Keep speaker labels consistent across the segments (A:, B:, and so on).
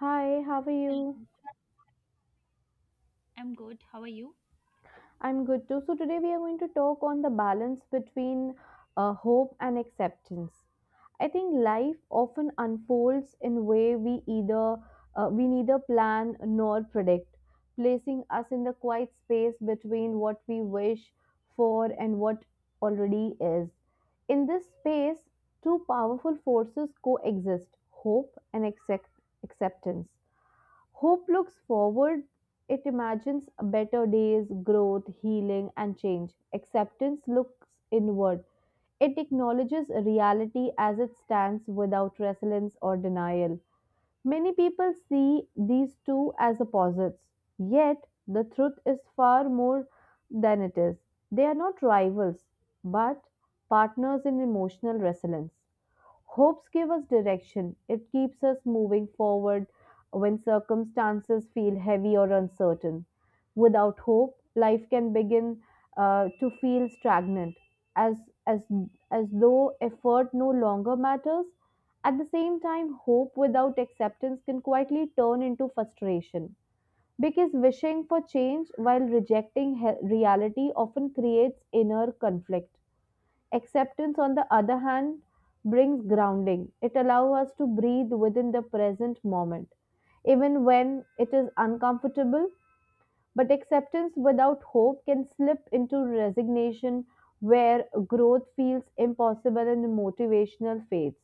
A: Hi, how are
B: Hello,
A: you?
B: Mitra. I'm good. How are you?
A: I'm good too. So, today we are going to talk on the balance between hope and acceptance. I think life often unfolds in a way we either we neither plan nor predict, placing us in the quiet space between what we wish for and what already is. In this space, two powerful forces coexist: hope and acceptance. Hope looks forward. It imagines better days, growth, healing, and change. Acceptance looks inward. It acknowledges reality as it stands without resilience or denial. Many people see these two as opposites, yet the truth is far more than it is. They are not rivals, but partners in emotional resilience. Hopes give us direction. It keeps us moving forward when circumstances feel heavy or uncertain. Without hope, life can begin to feel stagnant, as, as, as though effort no longer matters. At the same time, hope without acceptance can quietly turn into frustration. Because wishing for change while rejecting reality often creates inner conflict. Acceptance, on the other hand, brings grounding. It allows us to breathe within the present moment, even when it is uncomfortable. But acceptance without hope can slip into resignation, where growth feels impossible and motivational fades.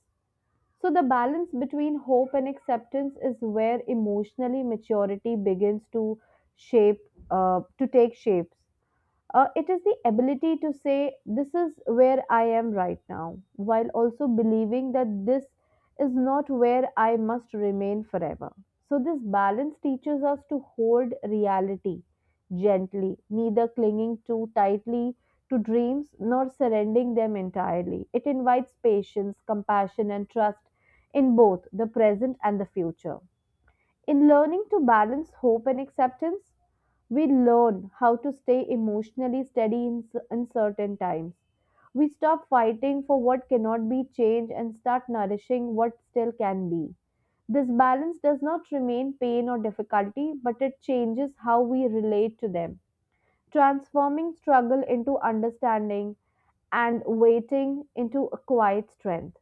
A: So, the balance between hope and acceptance is where emotionally maturity begins to to take shapes. It is the ability to say, this is where I am right now, while also believing that this is not where I must remain forever. So, this balance teaches us to hold reality gently, neither clinging too tightly to dreams nor surrendering them entirely. It invites patience, compassion, and trust in both the present and the future. In learning to balance hope and acceptance, we learn how to stay emotionally steady in uncertain times. We stop fighting for what cannot be changed and start nourishing what still can be. This balance does not remain pain or difficulty, but it changes how we relate to them, transforming struggle into understanding and waiting into a quiet strength.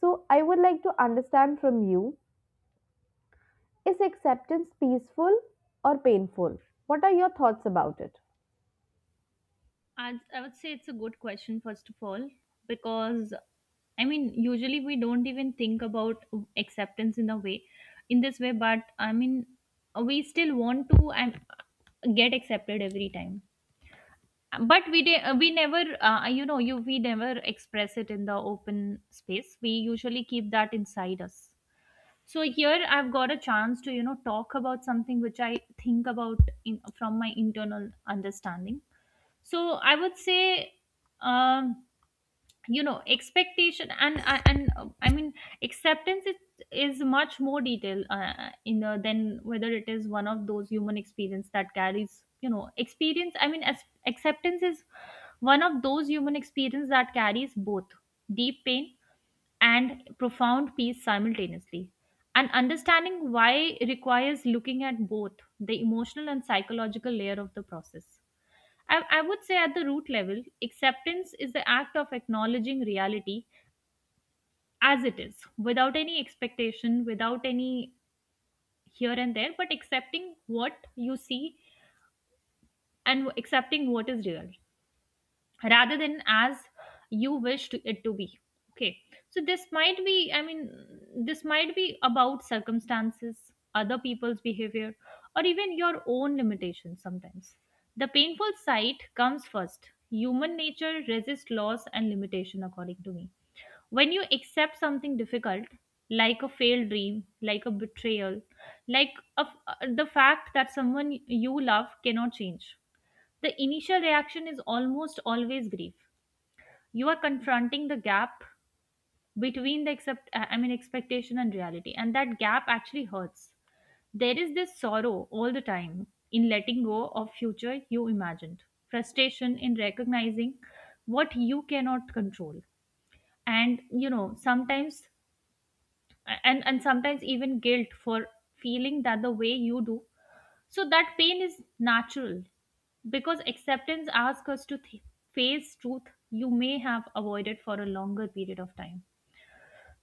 A: So, I would like to understand from you, is acceptance peaceful or painful? What are your thoughts about it?
B: I would say it's a good question, first of all, because I mean, usually we don't even think about acceptance in a way, in this way, but I mean, we still want to and get accepted every time. But we never, you know, you we never express it in the open space. We usually keep that inside us. So here I've got a chance to, you know, talk about something which I think about in, from my internal understanding. So I would say, um you know, expectation and I mean acceptance is much more detail, in than whether it is one of those human experience that carries you know experience I mean as acceptance is one of those human experience that carries both deep pain and profound peace simultaneously, and understanding why requires looking at both the emotional and psychological layer of the process. I would say at the root level, acceptance is the act of acknowledging reality as it is, without any expectation, without any here and there, but accepting what you see and accepting what is real, rather than as you wish to, it to be. Okay, so this might be about circumstances, other people's behavior, or even your own limitations sometimes. The painful side comes first. Human nature resists loss and limitation, according to me. When you accept something difficult, like a failed dream, like a betrayal, like a, the fact that someone you love cannot change, the initial reaction is almost always grief. You are confronting the gap between the accept I mean expectation and reality, and that gap actually hurts. There is this sorrow all the time in letting go of future you imagined, frustration in recognizing what you cannot control, and you know, sometimes and sometimes even guilt for feeling that the way you do. So that pain is natural, because acceptance asks us to face truth you may have avoided for a longer period of time.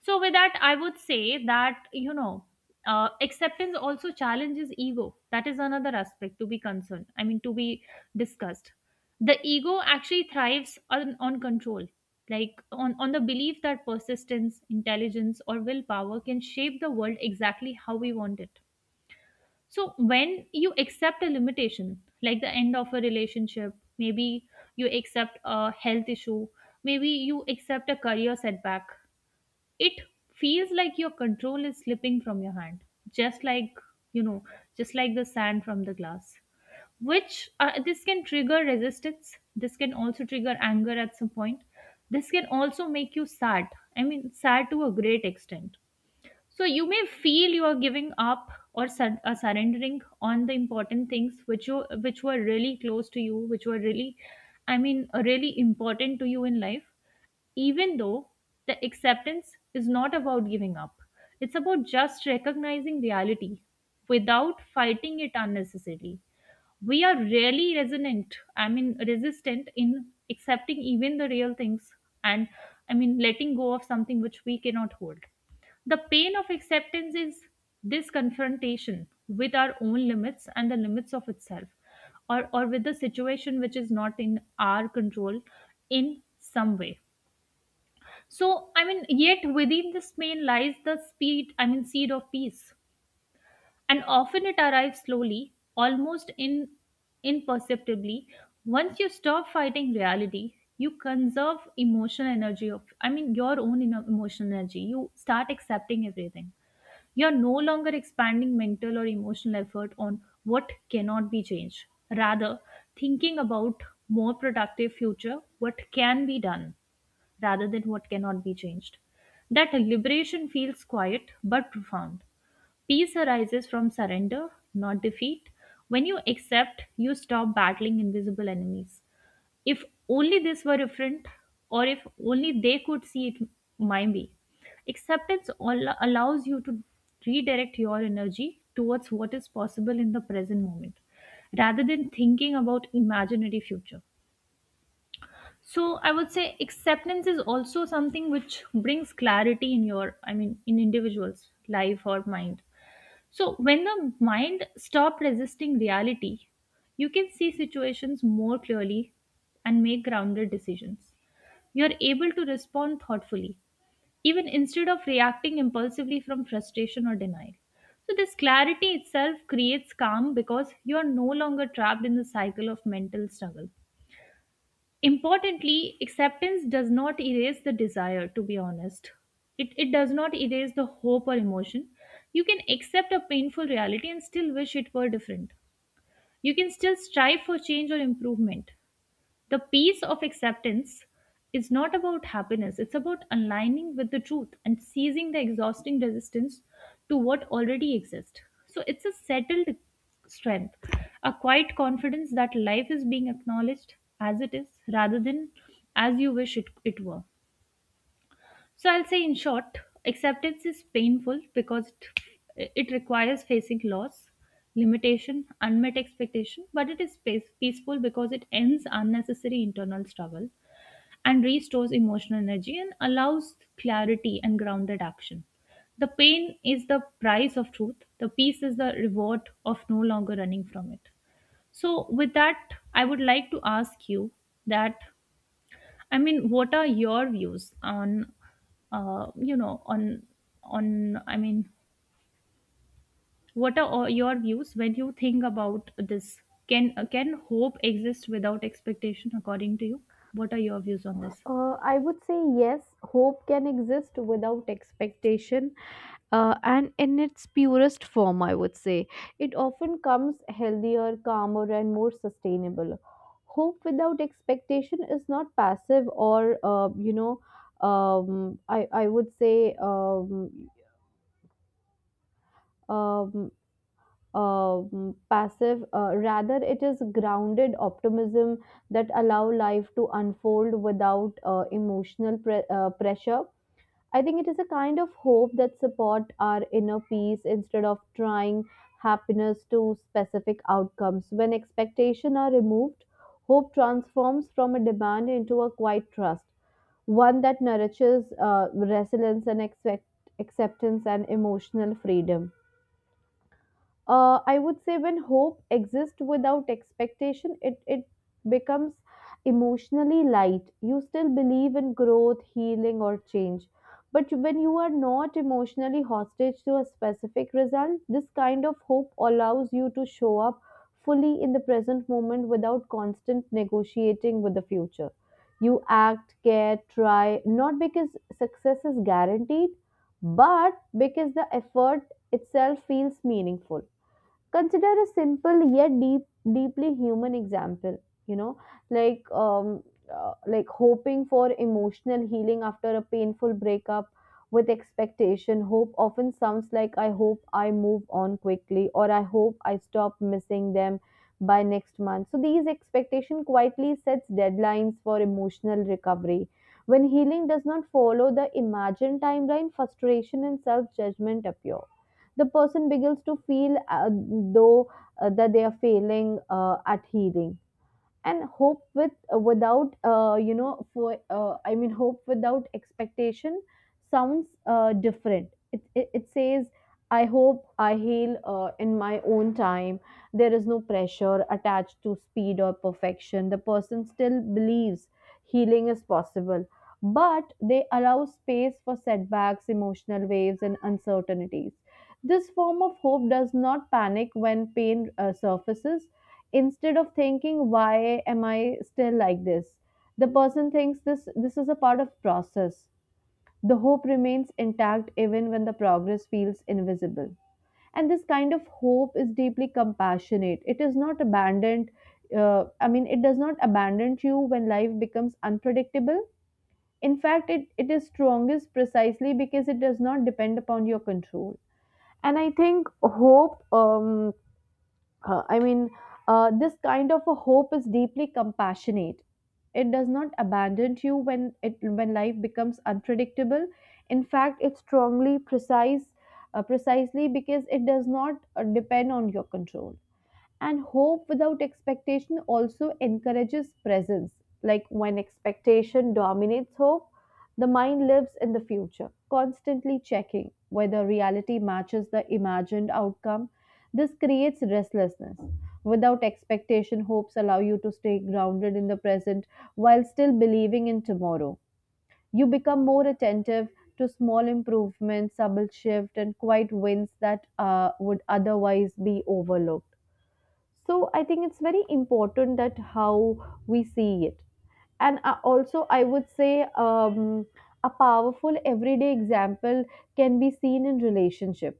B: So, with that, I would say that, you know, acceptance also challenges ego. That is another aspect to be concerned. I mean, to be discussed. The ego actually thrives on control, like on the belief that persistence, intelligence, or willpower can shape the world exactly how we want it. So, when you accept a limitation, like the end of a relationship, maybe you accept a health issue, maybe you accept a career setback, it feels like your control is slipping from your hand, just like, you know, just like the sand from the glass, which, this can trigger resistance, this can also trigger anger at some point, this can also make you sad, I mean sad to a great extent. So you may feel you are giving up or surrendering on the important things which you, which were really close to you, which were really, I mean, really important to you in life. Even though the acceptance is not about giving up, it's about just recognizing reality without fighting it unnecessarily. We are really resonant I mean resistant in accepting even the real things, and I mean letting go of something which we cannot hold. The pain of acceptance is this confrontation with our own limits and the limits of itself, or with the situation which is not in our control in some way. So I mean, yet within this pain lies the speed I mean seed of peace, and often it arrives slowly, almost in, imperceptibly. Once you stop fighting reality, you conserve emotional energy of, I mean, your own emotional energy. You start accepting everything. You're no longer expanding mental or emotional effort on what cannot be changed. Rather, thinking about more productive future, what can be done, rather than what cannot be changed. That liberation feels quiet but profound. Peace arises from surrender, not defeat. When you accept, you stop battling invisible enemies. If only this were different, or if only they could see it my way. Acceptance allows you to redirect your energy towards what is possible in the present moment, rather than thinking about imaginary future. So I would say acceptance is also something which brings clarity in your, I mean, in individuals' life or mind. So, when the mind stops resisting reality, you can see situations more clearly and make grounded decisions. You're able to respond thoughtfully, even instead of reacting impulsively from frustration or denial. So, this clarity itself creates calm because you are no longer trapped in the cycle of mental struggle. Importantly, acceptance does not erase the desire, to be honest. It does not erase the hope or emotion. You can accept a painful reality and still wish it were different. You can still strive for change or improvement. The peace of acceptance is not about happiness, it's about aligning with the truth and ceasing the exhausting resistance to what already exists. So it's a settled strength, a quiet confidence that life is being acknowledged as it is, rather than as you wish it were. So I'll say in short, acceptance is painful because it requires facing loss, limitation, unmet expectation, but it is peace, peaceful, because it ends unnecessary internal struggle and restores emotional energy and allows clarity and grounded action. The pain is the price of truth, the peace is the reward of no longer running from it. So, with that, I would like to ask you that, I mean, what are your views on, you know, on, I mean, what are all your views when you think about this? Can hope exist without expectation, according to you? What are your views on this?
A: I would say yes, hope can exist without expectation, and in its purest form, I would say. It often comes healthier, calmer, and more sustainable. Hope without expectation is not passive or, I would say, um, passive, rather it is grounded optimism that allow life to unfold without emotional pressure. I think it is a kind of hope that support our inner peace instead of trying happiness to specific outcomes. When expectation are removed, hope transforms from a demand into a quiet trust, one that nourishes resilience and acceptance and emotional freedom. I would say when hope exists without expectation, it becomes emotionally light. You still believe in growth, healing, or change. But when you are not emotionally hostage to a specific result, this kind of hope allows you to show up fully in the present moment without constant negotiating with the future. You act, care, try, not because success is guaranteed, but because the effort itself feels meaningful. Consider a simple yet deeply human example, you know, like like hoping for emotional healing after a painful breakup. With expectation, hope often sounds like, I hope I move on quickly, or I hope I stop missing them by next month. So these expectation quietly sets deadlines for emotional recovery. When healing does not follow the imagined timeline, frustration and self judgment appear. The person begins to feel though that they are failing at healing. And hope with without you know for I mean hope without expectation sounds different. It says, I hope I heal in my own time. There is no pressure attached to speed or perfection. The person still believes healing is possible, but they allow space for setbacks, emotional waves, and uncertainties. This form of hope does not panic when pain surfaces. Instead of thinking, why am I still like this? The person thinks, this is a part of process. The hope remains intact even when the progress feels invisible. And this kind of hope is deeply compassionate. It is not abandoned. It does not abandon you when life becomes unpredictable. In fact, it is strongest precisely because it does not depend upon your control. And I think hope I mean this kind of a hope is deeply compassionate. It does not abandon you when it when life becomes unpredictable. In fact, it's strongly precisely because it does not depend on your control. And hope without expectation also encourages presence. Like when expectation dominates hope, the mind lives in the future, constantly checking whether reality matches the imagined outcome. This creates restlessness. Without expectation, hopes allow you to stay grounded in the present while still believing in tomorrow. You become more attentive to small improvements, subtle shift, and quiet wins that would otherwise be overlooked. So I think it's very important that how we see it. And also I would say, um, a powerful everyday example can be seen in relationship,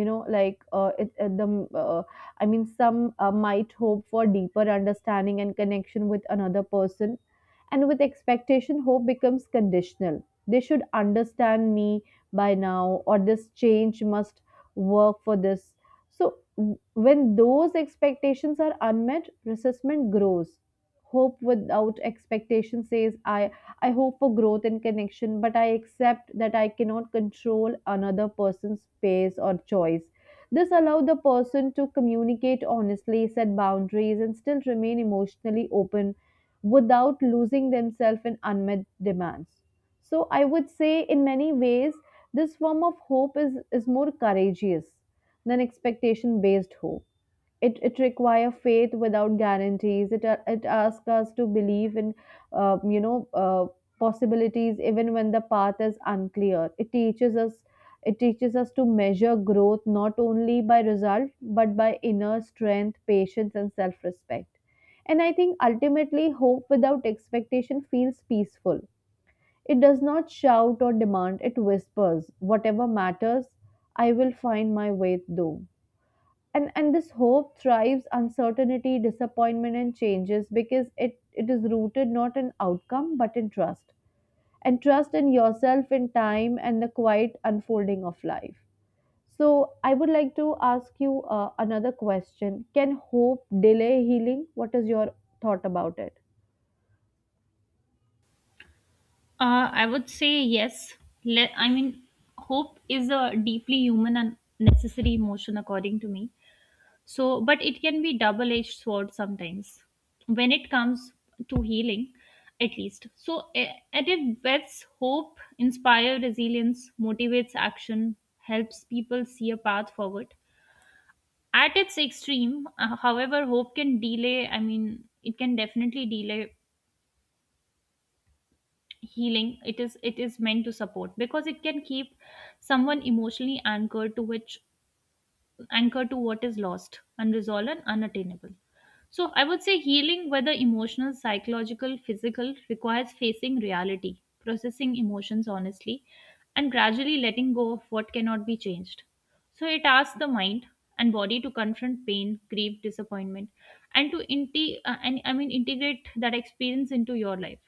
A: you know, like it, the I mean some might hope for deeper understanding and connection with another person. And with expectation, hope becomes conditional. They should understand me by now, or this change must work for this. So when those expectations are unmet, resentment grows. Hope without expectation says, I hope for growth and connection, but I accept that I cannot control another person's pace or choice. This allows the person to communicate honestly, set boundaries, and still remain emotionally open without losing themselves in unmet demands. So, I would say, in many ways, this form of hope is more courageous than expectation based hope. It require faith without guarantees. It asks us to believe in, uh, you know uh, possibilities even when the path is unclear. It teaches us to measure growth not only by result, but by inner strength, patience, and self respect. And I think ultimately hope without expectation feels peaceful. It does not shout or demand. It whispers whatever matters. I will find my way through. And this hope thrives uncertainty, disappointment, and changes, because it is rooted not in outcome but in trust. And trust in yourself, in time, and the quiet unfolding of life. So I would like to ask you another question. Can hope delay healing? What is your thought about it?
B: I would say yes. I mean, hope is a deeply human and necessary emotion, according to me. So, but it can be double edged sword sometimes when it comes to healing, at least. So, at its best, hope inspire resilience, motivates action, helps people see a path forward. At its extreme, however, hope can delay. I mean, it can definitely delay healing. It is meant to support because it can keep someone emotionally anchored to which anchor to what is lost, unresolved, and unattainable. So I would say healing, whether emotional, psychological, physical, requires facing reality, processing emotions honestly, and gradually letting go of what cannot be changed. So it asks the mind and body to confront pain, grief, disappointment, and to and, I mean integrate that experience into your life.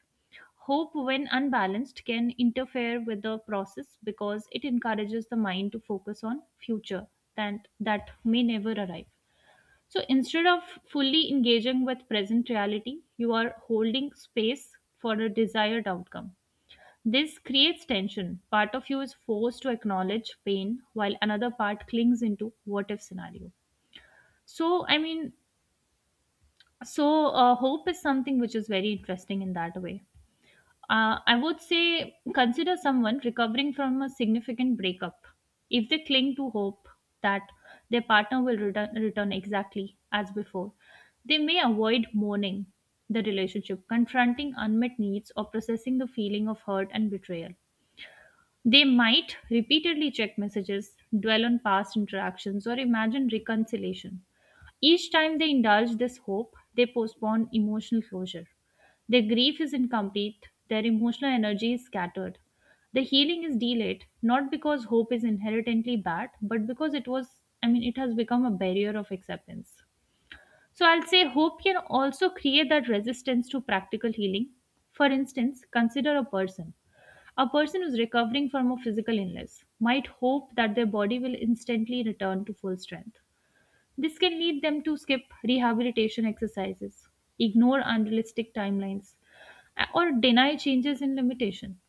B: Hope, when unbalanced, can interfere with the process because it encourages the mind to focus on future that may never arrive. So instead of fully engaging with present reality, you are holding space for a desired outcome. This creates tension. Part of you is forced to acknowledge pain while another part clings into what if scenario. So, I mean, hope is something which is very interesting in that way. I would say consider someone recovering from a significant breakup if they cling to hope that their partner will return, return exactly as before. They may avoid mourning the relationship, confronting unmet needs, or processing the feeling of hurt and betrayal. They might repeatedly check messages, dwell on past interactions, or imagine reconciliation. Each time they indulge this hope, they postpone emotional closure. Their grief is incomplete, their emotional energy is scattered. The healing is delayed, not because hope is inherently bad, but because it was, I mean, it has become a barrier of acceptance. So I'll say hope can also create that resistance to practical healing. For instance, consider a person. A person who's recovering from a physical illness might hope that their body will instantly return to full strength. This can lead them to skip rehabilitation exercises, ignore unrealistic timelines, or deny changes in limitation.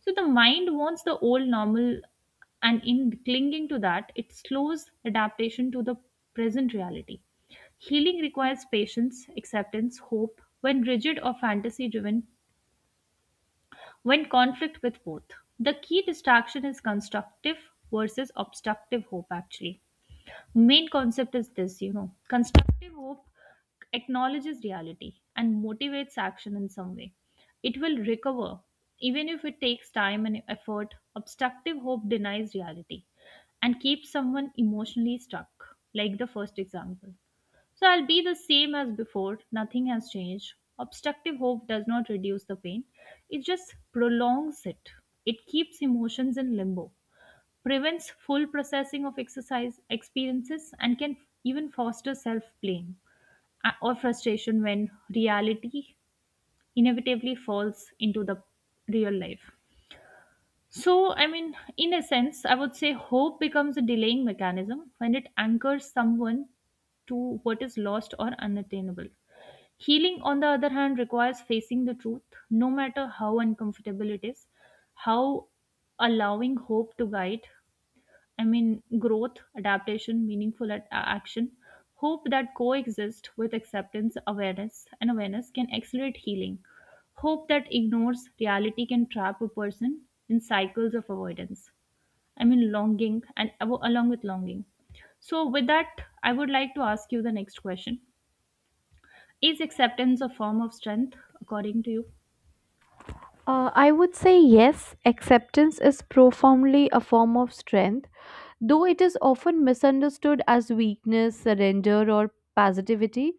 B: So the mind wants the old normal, and in clinging to that, it slows adaptation to the present reality. Healing requires patience, acceptance, hope when rigid or fantasy driven when conflict with both. The key distraction is constructive versus obstructive hope, actually. Main concept is this, you know, constructive hope acknowledges reality and motivates action in some way. It will recover, even if it takes time and effort. Obstructive hope denies reality and keeps someone emotionally stuck, like the first example. So I'll be the same as before, nothing has changed. Obstructive hope does not reduce the pain, it just prolongs it. It keeps emotions in limbo, prevents full processing of exercise experiences, and can even foster self blame or frustration when reality inevitably falls into the real life. So, I mean, in a sense, I would say hope becomes a delaying mechanism when it anchors someone to what is lost or unattainable. Healing, on the other hand, requires facing the truth, no matter how uncomfortable it is, how allowing hope to guide, growth, adaptation, meaningful action. Hope that coexists with acceptance, awareness, and awareness can accelerate healing. Hope that ignores reality can trap a person in cycles of avoidance. I mean, longing and along with longing. So, with that, I would like to ask you the next question. Is acceptance a form of strength, according to you?
A: I would say yes, acceptance is profoundly a form of strength. Though it is often misunderstood as weakness, surrender, or passivity,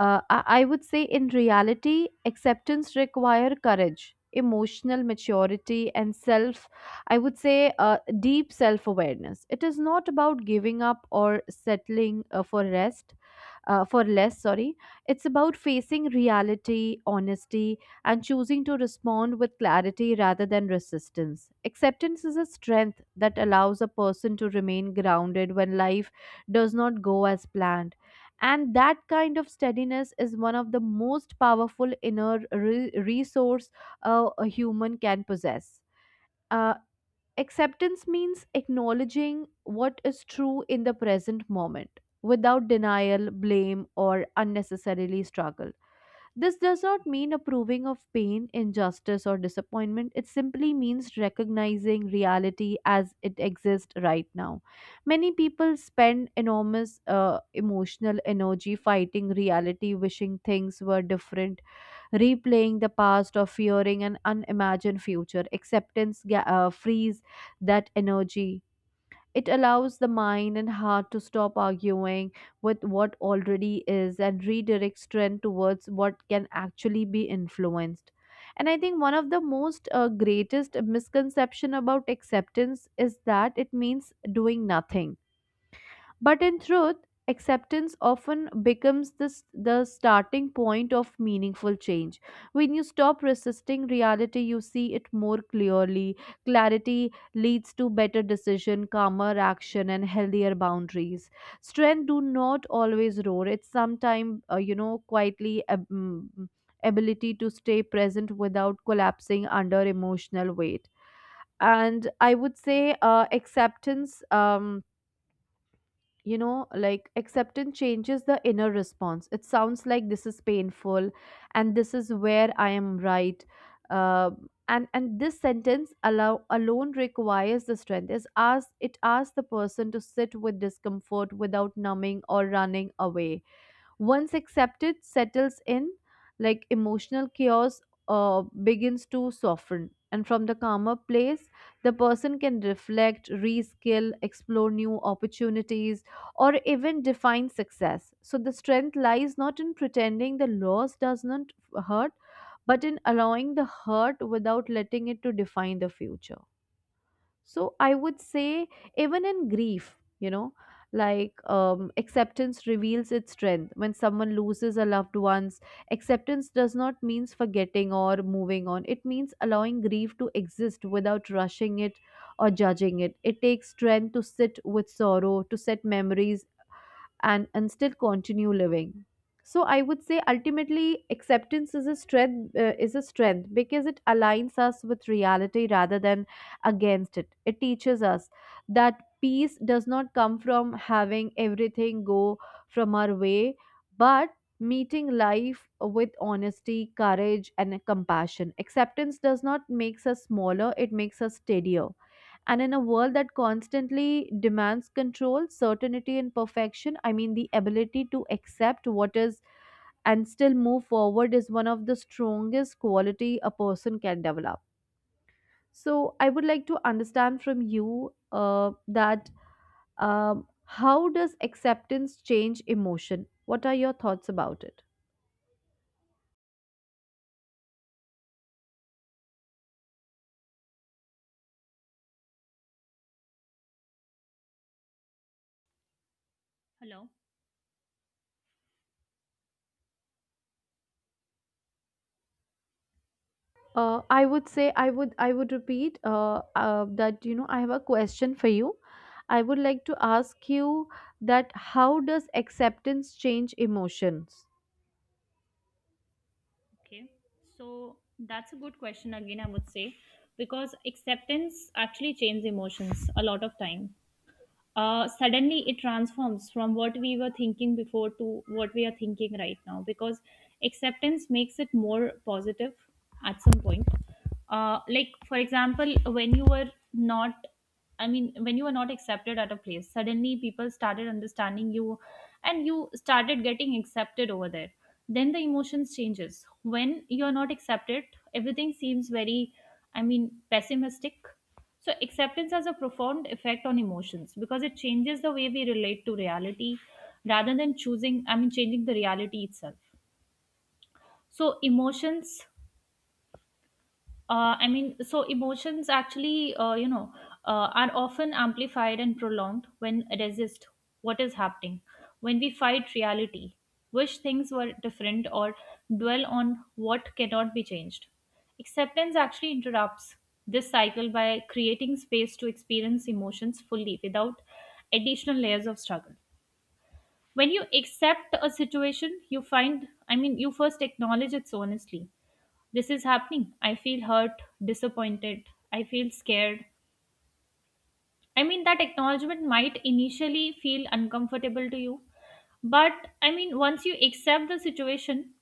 A: I would say in reality, acceptance require courage, emotional maturity, and self. I would say deep self awareness. It is not about giving up or settling for less, sorry. It's about facing reality honesty and choosing to respond with clarity rather than resistance. Acceptance is a strength that allows a person to remain grounded when life does not go as planned. And that kind of steadiness is one of the most powerful inner resource a human can possess. Uh, Acceptance means acknowledging what is true in the present moment without denial, blame, or unnecessarily struggle. This does not mean approving of pain, injustice, or disappointment. It simply means recognizing reality as it exists right now. Many people spend enormous emotional energy fighting reality, wishing things were different, replaying the past or fearing an unimagined future. Acceptance frees that energy. It allows the mind and heart to stop arguing with what already is and redirect strength towards what can actually be influenced. And I think one of the most greatest misconception about acceptance is that it means doing nothing, but in truth, acceptance often becomes the starting point of meaningful change. When you stop resisting reality, you see it more clearly. Clarity leads to better decision, calmer action, and healthier boundaries. Strength do not always roar. It's sometimes, quietly ability to stay present without collapsing under emotional weight. And I would say acceptance you know like acceptance changes the inner response. It sounds like, this is painful and this is where I am right. Uh, and and this sentence allow alone requires the strength. Is ask It asks the person to sit with discomfort without numbing or running away. Once accepted settles in, like emotional chaos begins to soften, and from the calmer place, the person can reflect, reskill, explore new opportunities, or even define success. So the strength lies not in pretending the loss does not hurt, but in allowing the hurt without letting it to define the future. So I would say, even in grief, you know, like, acceptance reveals its strength. When someone loses a loved one's, acceptance does not mean forgetting or moving on. It means allowing grief to exist without rushing it or judging it. It takes strength to sit with sorrow, to set memories, and still continue living. So I would say ultimately acceptance is a strength, because it aligns us with reality rather than against it. It teaches us that peace does not come from having everything go from our way, but meeting life with honesty, courage, and compassion. Acceptance does not makes us smaller, it makes us steadier. And in a world that constantly demands control, certainty, and perfection, I mean, the ability to accept what is and still move forward is one of the strongest quality a person can develop. So, I would like to understand from you that, how does acceptance change emotion? What are your thoughts about it?
B: Hello.
A: I would say I would repeat, that, you know, I have a question for you. I would like to ask you that how does acceptance change emotions?
B: Okay. So that's a good question again, I would say, because acceptance actually changes emotions a lot of time. Suddenly it transforms from what we were thinking before to what we are thinking right now, because acceptance makes it more positive at some point. Like for example, when you were not, when you were not accepted at a place, suddenly people started understanding you and you started getting accepted over there. Then the emotions changes. When you are not accepted, everything seems very, pessimistic. So, acceptance has a profound effect on emotions because it changes the way we relate to reality rather than changing the reality itself. So, emotions, emotions actually, are often amplified and prolonged when resist what is happening, when we fight reality, wish things were different, or dwell on what cannot be changed. Acceptance actually interrupts this cycle by creating space to experience emotions fully without additional layers of struggle. When you accept a situation, you you first acknowledge its honestly. This is happening. I feel hurt, disappointed. I feel scared. I mean, that acknowledgement might initially feel uncomfortable to you, but, once you accept the situation,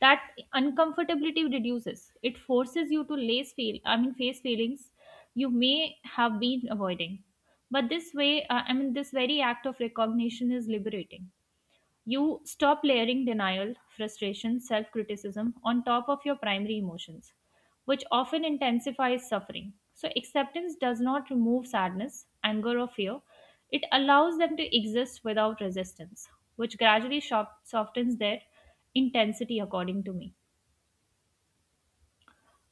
B: that uncomfortability reduces. It forces you to lace feel, I mean, face feelings you may have been avoiding. But this way, this very act of recognition is liberating. You stop layering denial, frustration, self criticism on top of your primary emotions, which often intensifies suffering. So, acceptance does not remove sadness, anger, or fear. It allows them to exist without resistance, which gradually softens their intensity, according to me.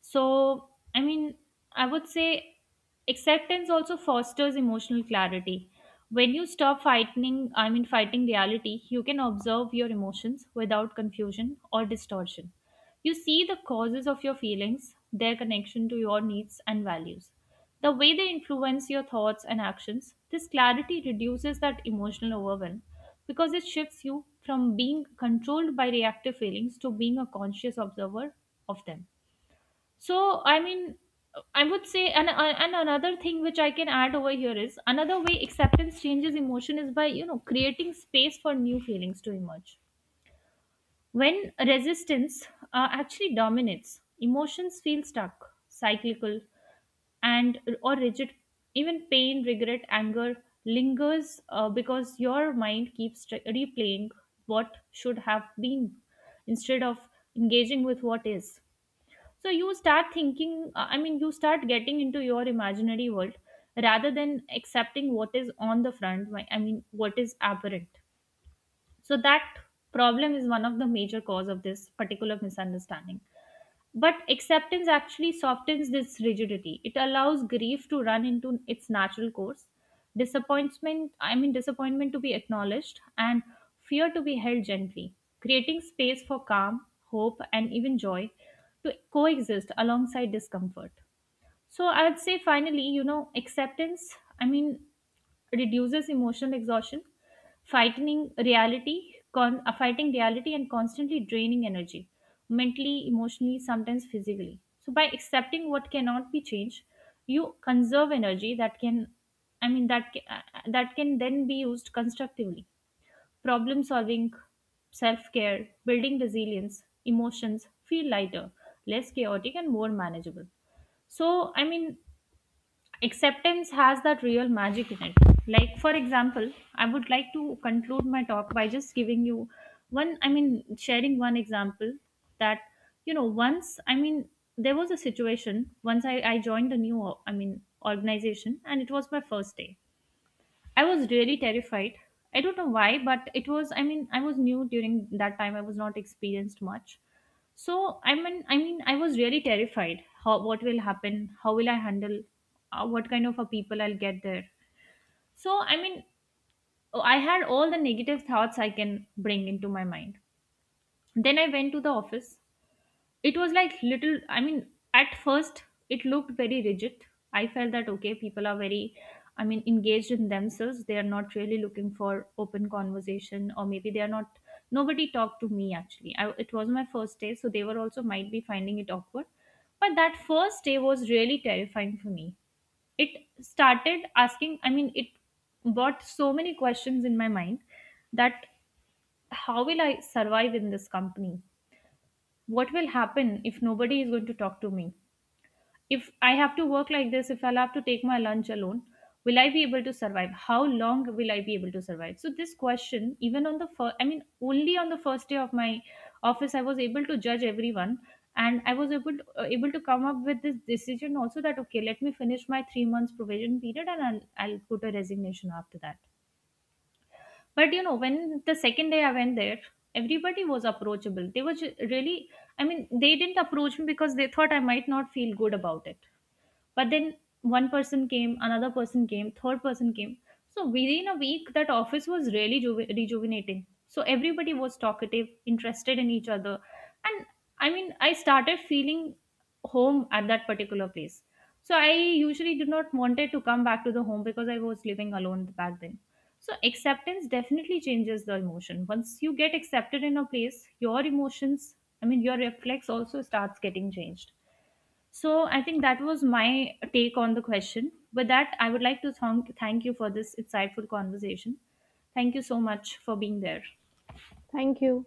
B: So, I mean, I would say acceptance also fosters emotional clarity. When you stop fighting reality, you can observe your emotions without confusion or distortion. You see the causes of your feelings, their connection to your needs and values, the way they influence your thoughts and actions. This clarity reduces that emotional overwhelm because it shifts you from being controlled by reactive feelings to being a conscious observer of them. So, I mean, I would say, and another thing which I can add over here is another way acceptance changes emotion is by, you know, creating space for new feelings to emerge. When resistance actually dominates, emotions feel stuck, cyclical, and or rigid. Even pain, regret, anger lingers because your mind keeps replaying what should have been instead of engaging with what is. So you start thinking, you start getting into your imaginary world rather than accepting what is on the front, what is apparent. So that problem is one of the major cause of this particular misunderstanding. But acceptance actually softens this rigidity. It allows grief to run into its natural course, disappointment to be acknowledged, and fear to be held gently, creating space for calm, hope, and even joy to coexist alongside discomfort. So I would say finally, you know, acceptance, I mean, reduces emotional exhaustion. Fighting reality and constantly draining energy, mentally, emotionally, sometimes physically. So by accepting what cannot be changed, you conserve energy that can, I mean that ca- that can then be used constructively. Problem solving, self care, building resilience, emotions feel lighter, less chaotic, and more manageable. So I mean acceptance has that real magic in it. Like for example, I would like to conclude my talk by just giving you one, sharing one example. That, you know, once I mean there was a situation. I joined a new, organization and it was my first day. I was really terrified. I don't know why, but it was, I was new during that time. I was not experienced much. So, I was really terrified. How, what will happen? How will I handle, what kind of a people I'll get there? So, I mean, I had all the negative thoughts I can bring into my mind. Then I went to the office. It was like little, at first it looked very rigid. I felt that okay, people are very, engaged in themselves. They are not really looking for open conversation, or maybe they are not. Nobody talked to me, actually. It was my first day, so they were also might be finding it awkward. But that first day was really terrifying for me. It started asking, I mean it brought so many questions in my mind. That how will I survive in this company? What will happen if nobody is going to talk to me? If I have to work like this, if I'll have to take my lunch alone, will I be able to survive? How long will I be able to survive? So this question, even on the first I mean only on the first day of my office, I was able to judge everyone. And I was able to come up with this decision also that okay, let me finish my 3 months provision period and I'll put a resignation after that. But you know, when the second day I went there, everybody was approachable. They were really, they didn't approach me because they thought I might not feel good about it. But then one person came, another person came, third person came. So within a week, that office was really rejuvenating. So everybody was talkative, interested in each other. And I mean, I started feeling home at that particular place. So I usually did not wanted to come back to the home because I was living alone back then. So acceptance definitely changes the emotion. Once you get accepted in a place, your emotions, I mean, your reflex also starts getting changed. So I think that was my take on the question. With that, I would like to thank you for this insightful conversation. Thank you so much for being there.
A: Thank you.